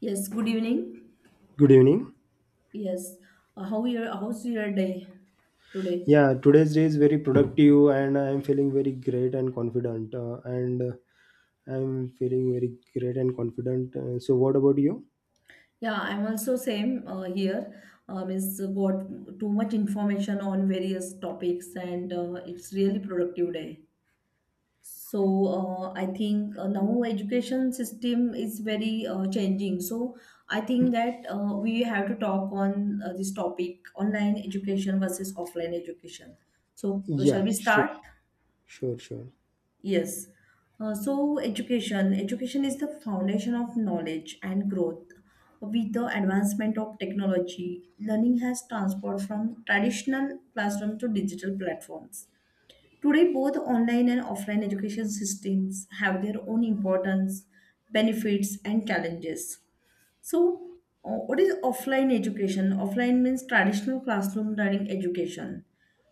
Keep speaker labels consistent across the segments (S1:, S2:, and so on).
S1: Yes, good evening.
S2: Good evening.
S1: Yes, how's your day today?
S2: Yeah, today's day is very productive, and I am feeling very great and confident. And I'm feeling very great and confident. So, what about you?
S1: Yeah, I'm also same here. It's got too much information on various topics, and it's really productive day. So I think now education system is very changing. So I think that we have to talk on this topic: online education versus offline education. So shall
S2: Yeah,
S1: we
S2: sure,
S1: start?
S2: sure, sure.
S1: Yes. Education is the foundation of knowledge and growth. With the advancement of technology, learning has transformed from traditional classroom to digital platforms. Today, both online and offline education systems have their own importance, benefits, and challenges. So, what is offline education? Offline means traditional classroom learning education.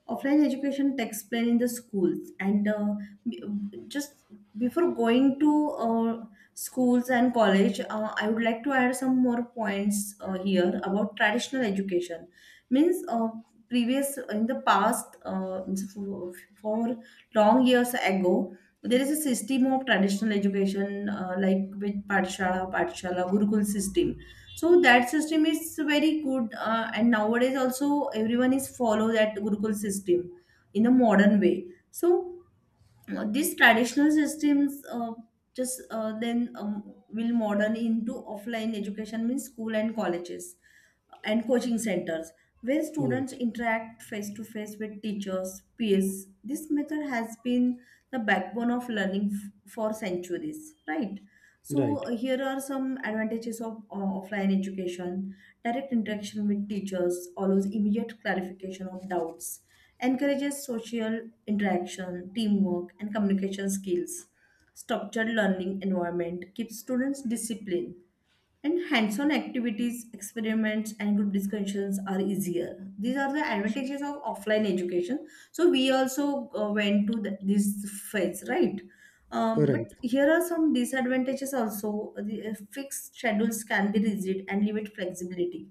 S1: Offline education takes place in the schools, and b- just before going to uh, schools and college, I would like to add some more points here about traditional education. Means previous in the past, for for long years ago, so, there is a system of traditional education like with patshala gurukul system, so that system is very good and nowadays also everyone is follow that gurukul system in a modern way. So these traditional systems just then will modern into offline education means school and colleges and coaching centers, where students
S2: Yes,
S1: interact face to face with teachers peers. This method has been the backbone of learning for centuries, right? So
S2: right,
S1: here are some advantages of offline education. Direct interaction with teachers allows immediate clarification of doubts, encourages social interaction, teamwork, and communication skills. Structured learning environment keeps students disciplined, and hands-on activities, experiments, and group discussions are easier. These are the advantages of offline education. So we also went to the, this phase, right? But
S2: right.
S1: here are some disadvantages also. The fixed schedules can be rigid and limit flexibility.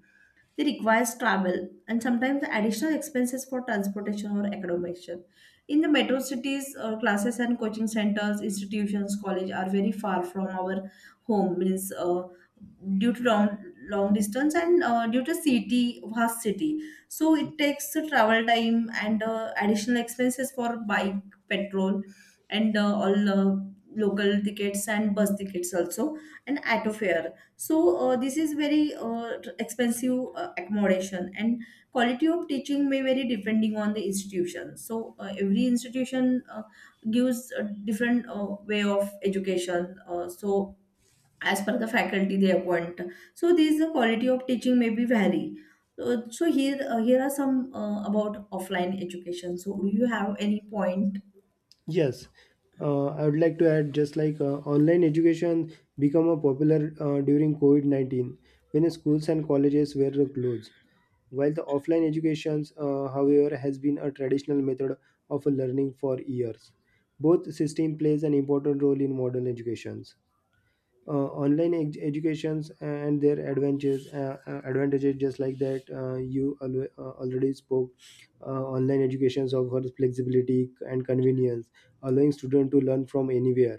S1: They requires travel and sometimes additional expenses for transportation or accommodation. In the metro cities, classes and coaching centers, institutions, college are very far from our home. Means due to long distance and due to city vast city, so it takes the travel time and additional expenses for bike, petrol, and all, local tickets and bus tickets also, and auto fare. So this is very expensive. Accommodation and quality of teaching may vary depending on the institution, so every institution gives a different way of education, so as per the faculty they appoint. So these the quality of teaching may be vary. So, here here are some about offline education. So do you have any point?
S2: Yes, I would like to add just like online education become a popular during COVID-19 when schools and colleges were closed. While the offline educations, however, has been a traditional method of learning for years. Both system plays an important role in modern educations. Educations and their advantages, advantages just like that already spoke. Online educations offer flexibility and convenience, allowing students to learn from anywhere.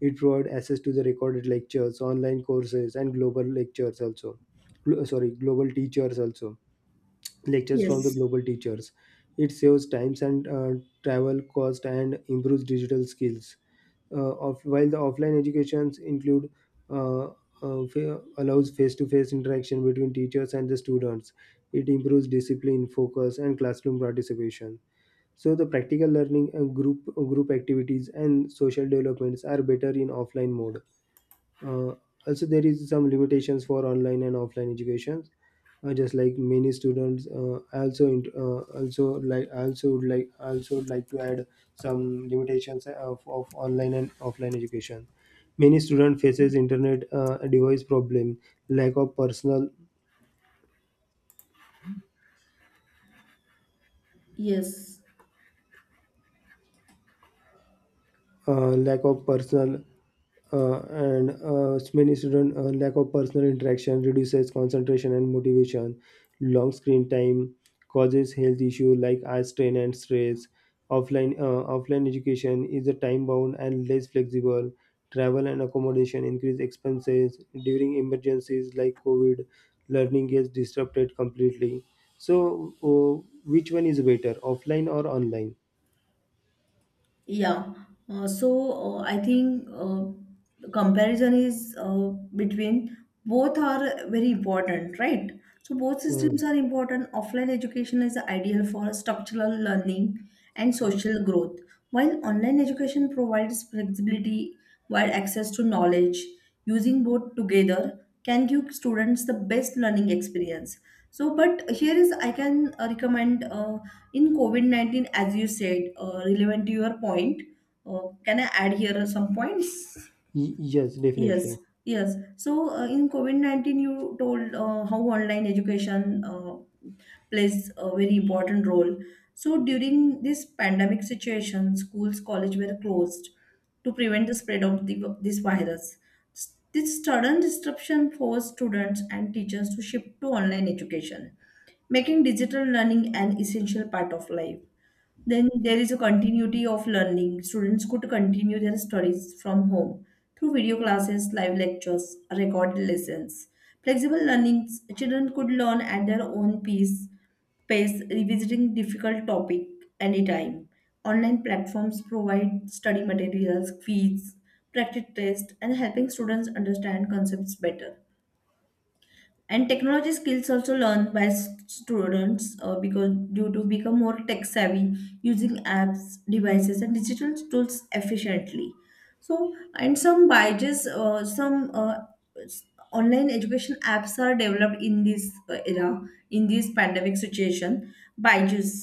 S2: It provides access to the recorded lectures, online courses, and global lectures also. Glo- sorry Global teachers also, lectures from the
S1: Yes.
S2: global teachers. It saves times and travel cost and improves digital skills. While the offline educations include, allows face-to-face interaction between teachers and the students. It improves discipline, focus, and classroom participation. So the practical learning and group activities and social developments are better in offline mode. uh, Also, there is some limitations for online and offline educations. Just like Many students also would also would like to add some limitations of online and offline education. Many student faces internet device problem, lack of personal
S1: Yes.
S2: lack of personal, and many student, lack of personal interaction reduces concentration and motivation. Long screen time causes health issue like eye strain and stress. Offline education is a time bound and less flexible. Travel and accommodation increase expenses. During emergencies like covid, learning gets disrupted completely. so uh, which one is better, offline or online?
S1: Yeah. I think the comparison is between both are very important, right? So both systems
S2: Uh,
S1: are important. Offline education is ideal for structural learning and social growth, while online education provides flexibility, wide access to knowledge. Using both together can give students the best learning experience. So but here is I can recommend in covid-19, as you said relevant to your point, can I add here some points?
S2: yes,
S1: Yes,
S2: definitely.
S1: yes. So, in COVID-19, you told how online education plays a very important role. So, during this pandemic situation, schools, college were closed to prevent the spread of the, this virus. This sudden disruption forced students and teachers to shift to online education, making digital learning an essential part of life. Then there is a continuity of learning. Students could continue their studies from home through video classes, live lectures, recorded lessons. Flexible learning, children could learn at their own pace, pace revisiting difficult topic anytime. Online platforms provide study materials, quiz, practice tests, and helping students understand concepts better, and technology skills also learned by students because due to become more tech savvy using apps devices and digital tools efficiently. So and some biases s- online education apps are developed in this era, in this pandemic situation. Byju's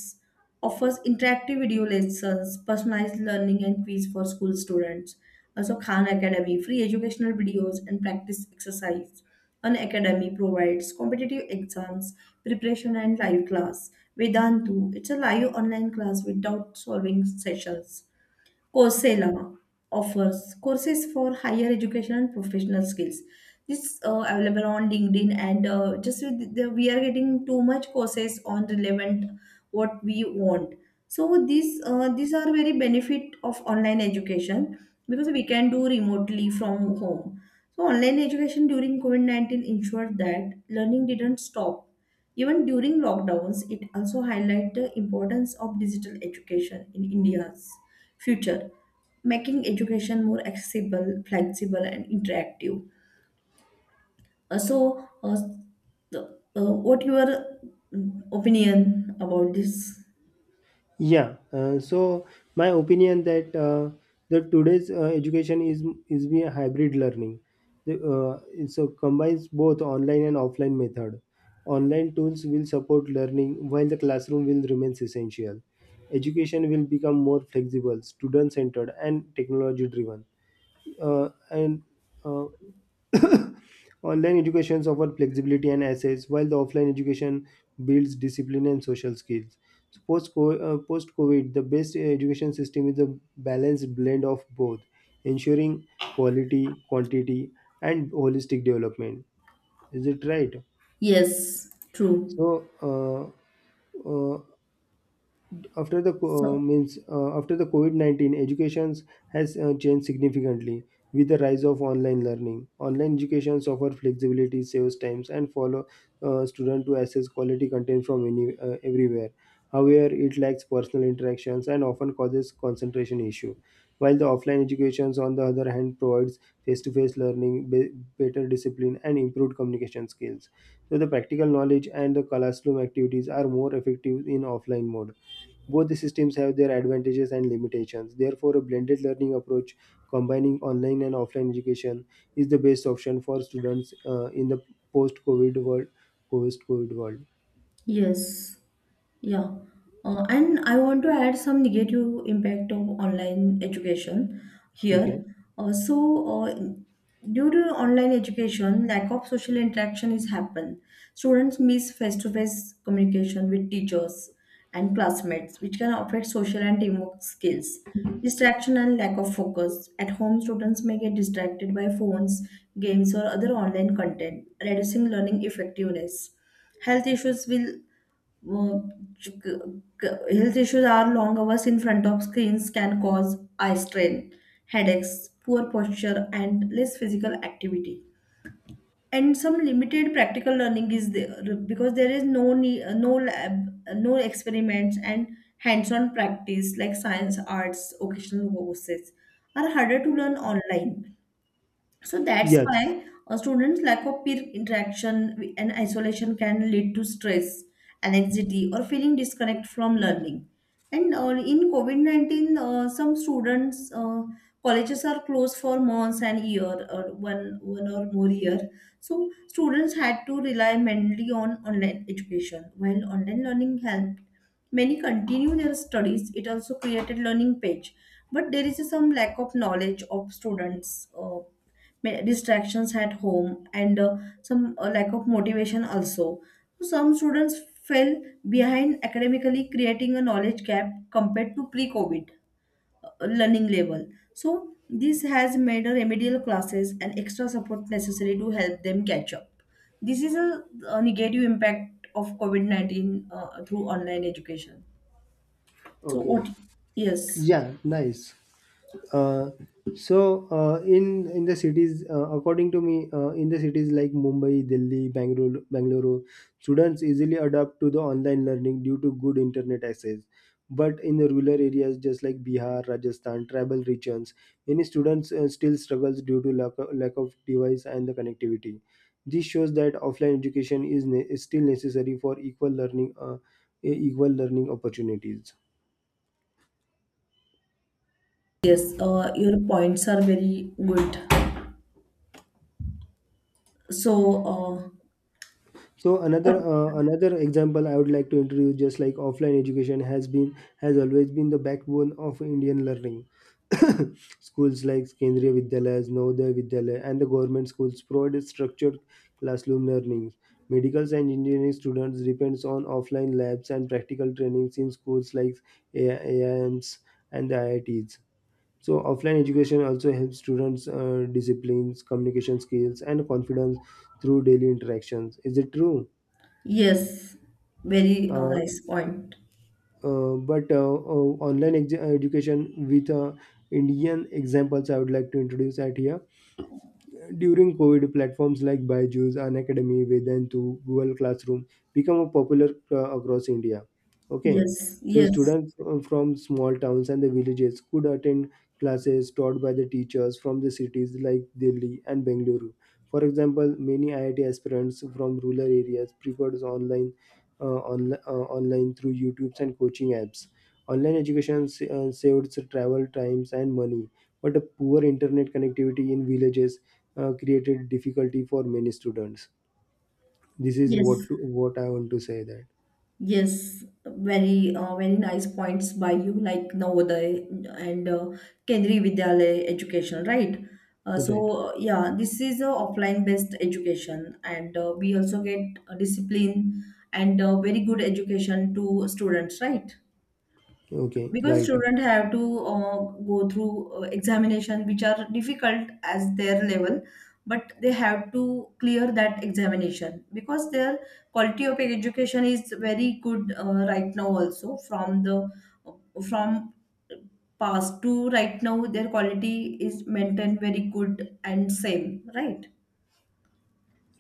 S1: offers interactive video lessons, personalized learning, and quiz for school students. Also, Khan Academy, free educational videos and practice exercise. An academy provides competitive exams, preparation, and live class. Vedantu, it's a live online class without solving sessions. Coursera offers courses for higher education and professional skills. This available on LinkedIn, and just with the, we are getting too much courses on relevant what we want. So these are very benefit of online education, because we can do remotely from home. So online education during COVID 19 ensured that learning didn't stop. Even during lockdowns, it also highlighted the importance of digital education in India's future, making education more accessible, flexible, and interactive. Uh, so uh, the, what your opinion about this?
S2: Yeah, uh, so my opinion that the today's education is be a hybrid learning. The, so Combines both online and offline method. Online tools will support learning while the classroom will remains essential. Education will become more flexible, student centered, and technology driven. And uh, Online education offers flexibility and access, while the offline education builds discipline and social skills. So post COVID, the best education system is a balanced blend of both, ensuring quality, quantity, and holistic development. Is it right?
S1: Yes, true.
S2: So, uh, after the co-
S1: So
S2: means After the COVID-19, educations has changed significantly with the rise of online learning. Online educations offer flexibility, saves times, and follow, student to access quality content from any, everywhere. However, it lacks personal interactions and often causes concentration issue. While the offline educations, on the other hand, provides face-to-face learning, be- better discipline, and improved communication skills. So the practical knowledge and the classroom activities are more effective in offline mode. Both the systems have their advantages and limitations. Therefore, a blended learning approach combining online and offline education is the best option for students in the post-COVID world. Post-COVID world.
S1: yes. Yeah, and I want to add some negative impact of online education here.
S2: Okay.
S1: Uh, so, uh, due to online education, lack of social interaction is happen. Students miss face-to-face communication with teachers and classmates, which can affect social and teamwork skills. Distraction and lack of focus. At home, students may get distracted by phones, games, or other online content, reducing learning effectiveness. Health issues will uh, ch- c- health issues are long hours in front of screens can cause eye strain, headaches, poor posture, and less physical activity. And some limited practical learning is there because there is no lab, no experiments, and hands-on practice like science, arts, occasional courses are harder to learn online. So that's
S2: Yes.
S1: why a student's lack of peer interaction and isolation can lead to stress, anxiety, or feeling disconnect from learning. And in COVID 19, some students, colleges are closed for months and year, or one or more year. So students had to rely mainly on online education, while online learning helped many continue their studies. It also created learning page, but there is some lack of knowledge of students, distractions at home, and some lack of motivation also. So some students fell behind academically, creating a knowledge gap compared to pre-COVID learning level. So this has made a remedial classes and extra support necessary to help them catch up. This is a negative impact of COVID 19 through online education. So
S2: Okay.
S1: what? Yes,
S2: Yeah. Nice. uh, in the cities, according to me, in the cities like Mumbai, Delhi, Bangalore, students easily adapt to the online learning due to good internet access. But in the rural areas, just like Bihar, Rajasthan, tribal regions, many students still struggles due to lack of device and the connectivity. This shows that offline education is, is still necessary for equal learning, equal learning opportunities.
S1: yes. Your points are very good. So uh,
S2: So
S1: what?
S2: another example I would like to introduce, just like offline education has always been the backbone of Indian learning. Schools like Kendriya Vidyalayas, Navodaya Vidyalaya, and the government schools provide structured classroom learning. Medical and engineering students depends on offline labs and practical trainings in schools like AIMs and the IITs. So offline education also helps students disciplines, communication skills, and confidence through daily interactions. Is it true?
S1: Yes, very
S2: Uh,
S1: nice point.
S2: Education with Indian examples I would like to introduce at here. During COVID, platforms like Byju's, Unacademy, Vedantu, Google Classroom become a popular across India. Okay,
S1: Yes,
S2: so
S1: yes,
S2: students from small towns and the villages could attend classes taught by the teachers from the cities like Delhi and Bengaluru. For example, many IIT aspirants from rural areas preferred online, online through YouTube's and coaching apps. Saved travel times and money, but a poor internet connectivity in villages created difficulty for many students. This is
S1: yes,
S2: what I want to say that
S1: yes. Very, very nice points by you, like Navodaya and Kendriya Vidyalaya education, right?
S2: right.
S1: So yeah, this is a offline based education, and we also get a discipline and very good education to students, right?
S2: Okay,
S1: Because
S2: right,
S1: students have to uh, go through examinations which are difficult as their level, but they have to clear that examination because their quality of education is very good, right now also, from the uh, from past to right now their quality is maintained very good and same, right?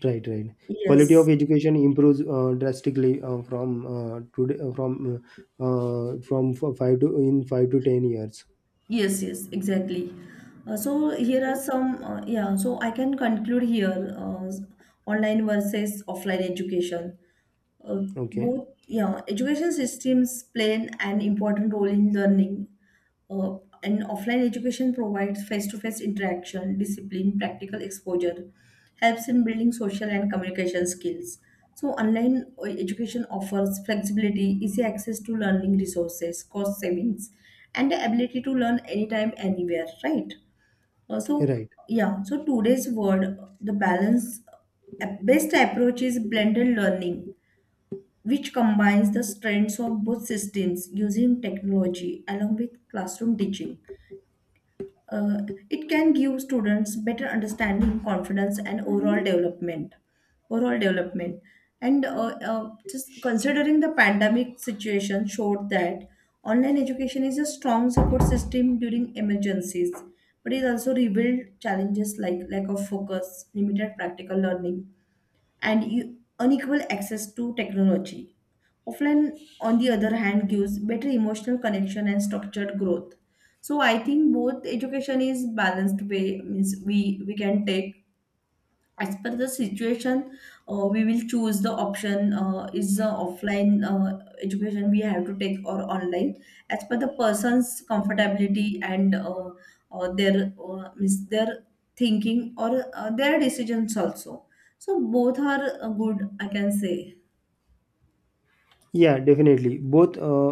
S2: right, right. Quality
S1: Yes.
S2: of education improves drastically from today from f- five to in 5 to 10 years.
S1: Yes, yes, exactly. So here are some, yeah, so I can conclude here online versus offline education, uh,
S2: Okay,
S1: both yeah education systems play an important role in learning. uh, and offline education provides face-to-face interaction, discipline, practical exposure, helps in building social and communication skills. So online education offers flexibility, easy access to learning resources, cost savings, and the ability to learn anytime, anywhere, right? So
S2: right.
S1: yeah, so today's word, the balance, best approach is blended learning, which combines the strengths of both systems using technology along with classroom teaching. Uh, it can give students better understanding, confidence, and overall development. Overall development, and just considering the pandemic situation showed that online education is a strong support system during emergencies, but it also revealed challenges like lack of focus, limited practical learning, and unequal access to technology. Offline, on the other hand, gives better emotional connection and structured growth. So I think both education is balanced way means we can take as per the situation, we will choose the option, is the offline education we have to take or online, as per the person's comfortability and their means their thinking or their decisions also. So both are good, I can say.
S2: Yeah, definitely. Both uh,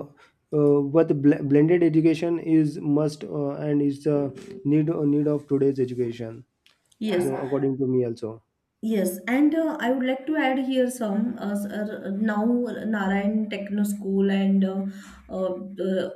S2: uh, but bl- Blended education is must and is a need of today's education. So
S1: Yes.
S2: according to me also.
S1: Yes, and I would like to add here some now Narayan Techno School and uh, uh,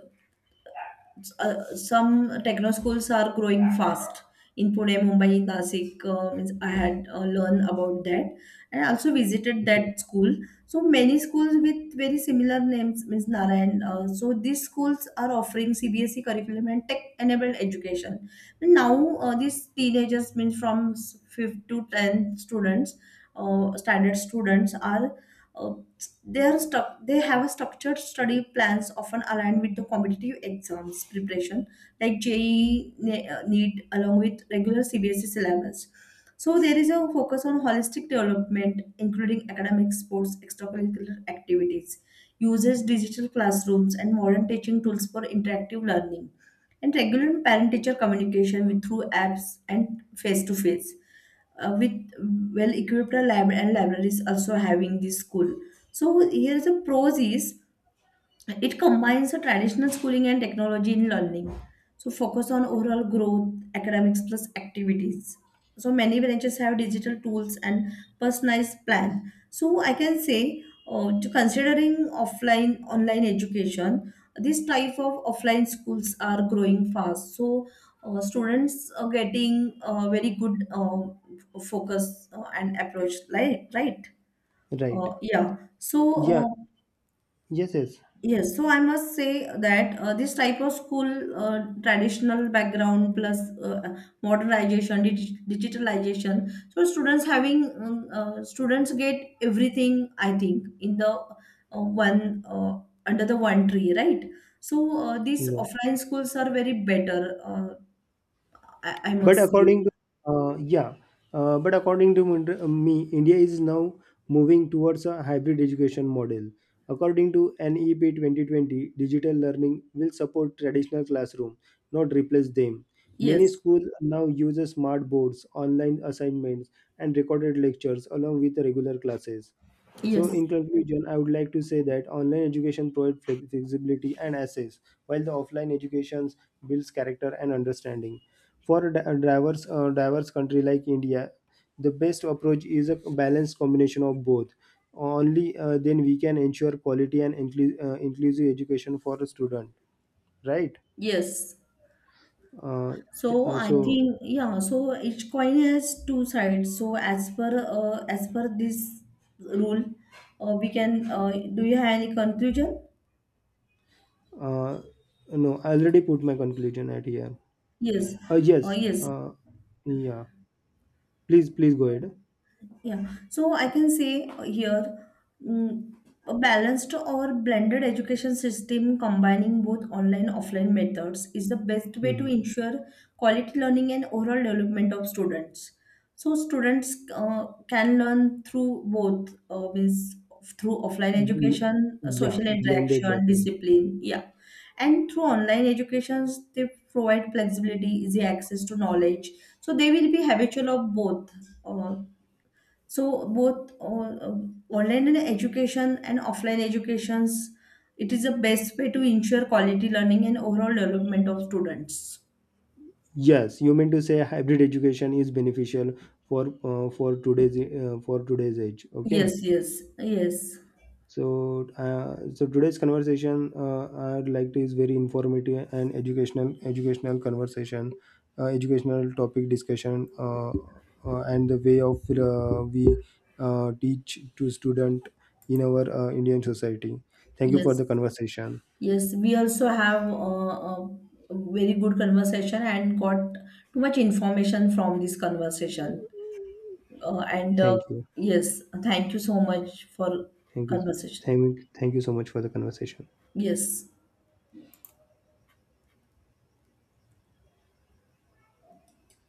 S1: some techno schools are growing fast in Pune, Mumbai, Nasik. Means I had learned about that, and I also visited
S2: Okay,
S1: that school. So many schools with very similar names, means Narayan. So these schools are offering CBSE curriculum and tech-enabled education. And now these teenagers, means from fifth to tenth students, standard students are. Uh, they are stuck. They have a structured study plans often aligned with the competitive exams preparation, like JEE, NEET, along with regular CBSE syllabus. So there is a focus on holistic development, including academic, sports, extracurricular activities, uses digital classrooms and modern teaching tools for interactive learning, and regular parent-teacher communication with through apps and face-to-face, with well equipped lab and libraries also having this school. So here's the pros is it combines the traditional schooling and technology in learning. So focus on overall growth, academics plus activities. So many branches have digital tools and personalized plan. So I can say, to considering offline online education, this type of offline schools are growing fast. So students are getting very good focus and approach, like, right?
S2: right.
S1: Uh, yeah. So.
S2: Yeah.
S1: Uh,
S2: Yes. Yes.
S1: Yes, so I must say that this type of school, traditional background plus uh, modernization, digitalization. So students having students get everything. I think in the one, under the one tree, right? So these
S2: Yeah.
S1: offline schools are very better. I
S2: but
S1: must say
S2: according to yeah but according to Mund- me, india is now moving towards a hybrid education model. According to NEP 2020, digital learning will support traditional classroom, not replace them. Many
S1: yes,
S2: schools now use smart boards, online assignments, and recorded lectures along with the regular classes. So,
S1: yes,
S2: in conclusion, I would like to say that online education provides flexibility and access, while the offline education builds character and understanding. For a diverse, diverse country like India, the best approach is a balanced combination of both. Only then we can ensure quality and inclusive education for a student, right?
S1: yes.
S2: Uh, th-
S1: So
S2: uh,
S1: I
S2: so,
S1: think yeah. So each coin has two sides. So as per this rule, we can. Do you have any conclusion?
S2: uh, no, I already put my conclusion at here.
S1: Yes.
S2: Uh, yes,
S1: Yes.
S2: uh, yeah. Please, please go ahead.
S1: Yeah, so I can say here mm, a balanced or blended education system combining both online offline methods is the best way to
S2: Mhm.
S1: ensure quality learning and overall development of students. So students can learn through both means through offline
S2: Bl-
S1: education,
S2: yeah,
S1: social
S2: blended
S1: interaction,
S2: learning.
S1: discipline, yeah, and through online educations they provide flexibility, easy access to knowledge. So they will be habitual of both. Uh, so both online education and offline educations, it is the best way to ensure quality learning and overall development of students.
S2: Yes, you mean to say hybrid education is beneficial for for today's age. Okay,
S1: Yes, yes, yes,
S2: so so today's conversation, I'd like to is very informative and educational conversation, educational topic discussion, and the way of we teach to student in our Indian society. Thank you for
S1: yes,
S2: the conversation.
S1: yes. We also have a very good conversation and got too much information from this conversation. And
S2: Thank you,
S1: yes, thank you so much for
S2: thank you,
S1: conversation.
S2: thank thank you so much for the conversation.
S1: Yes.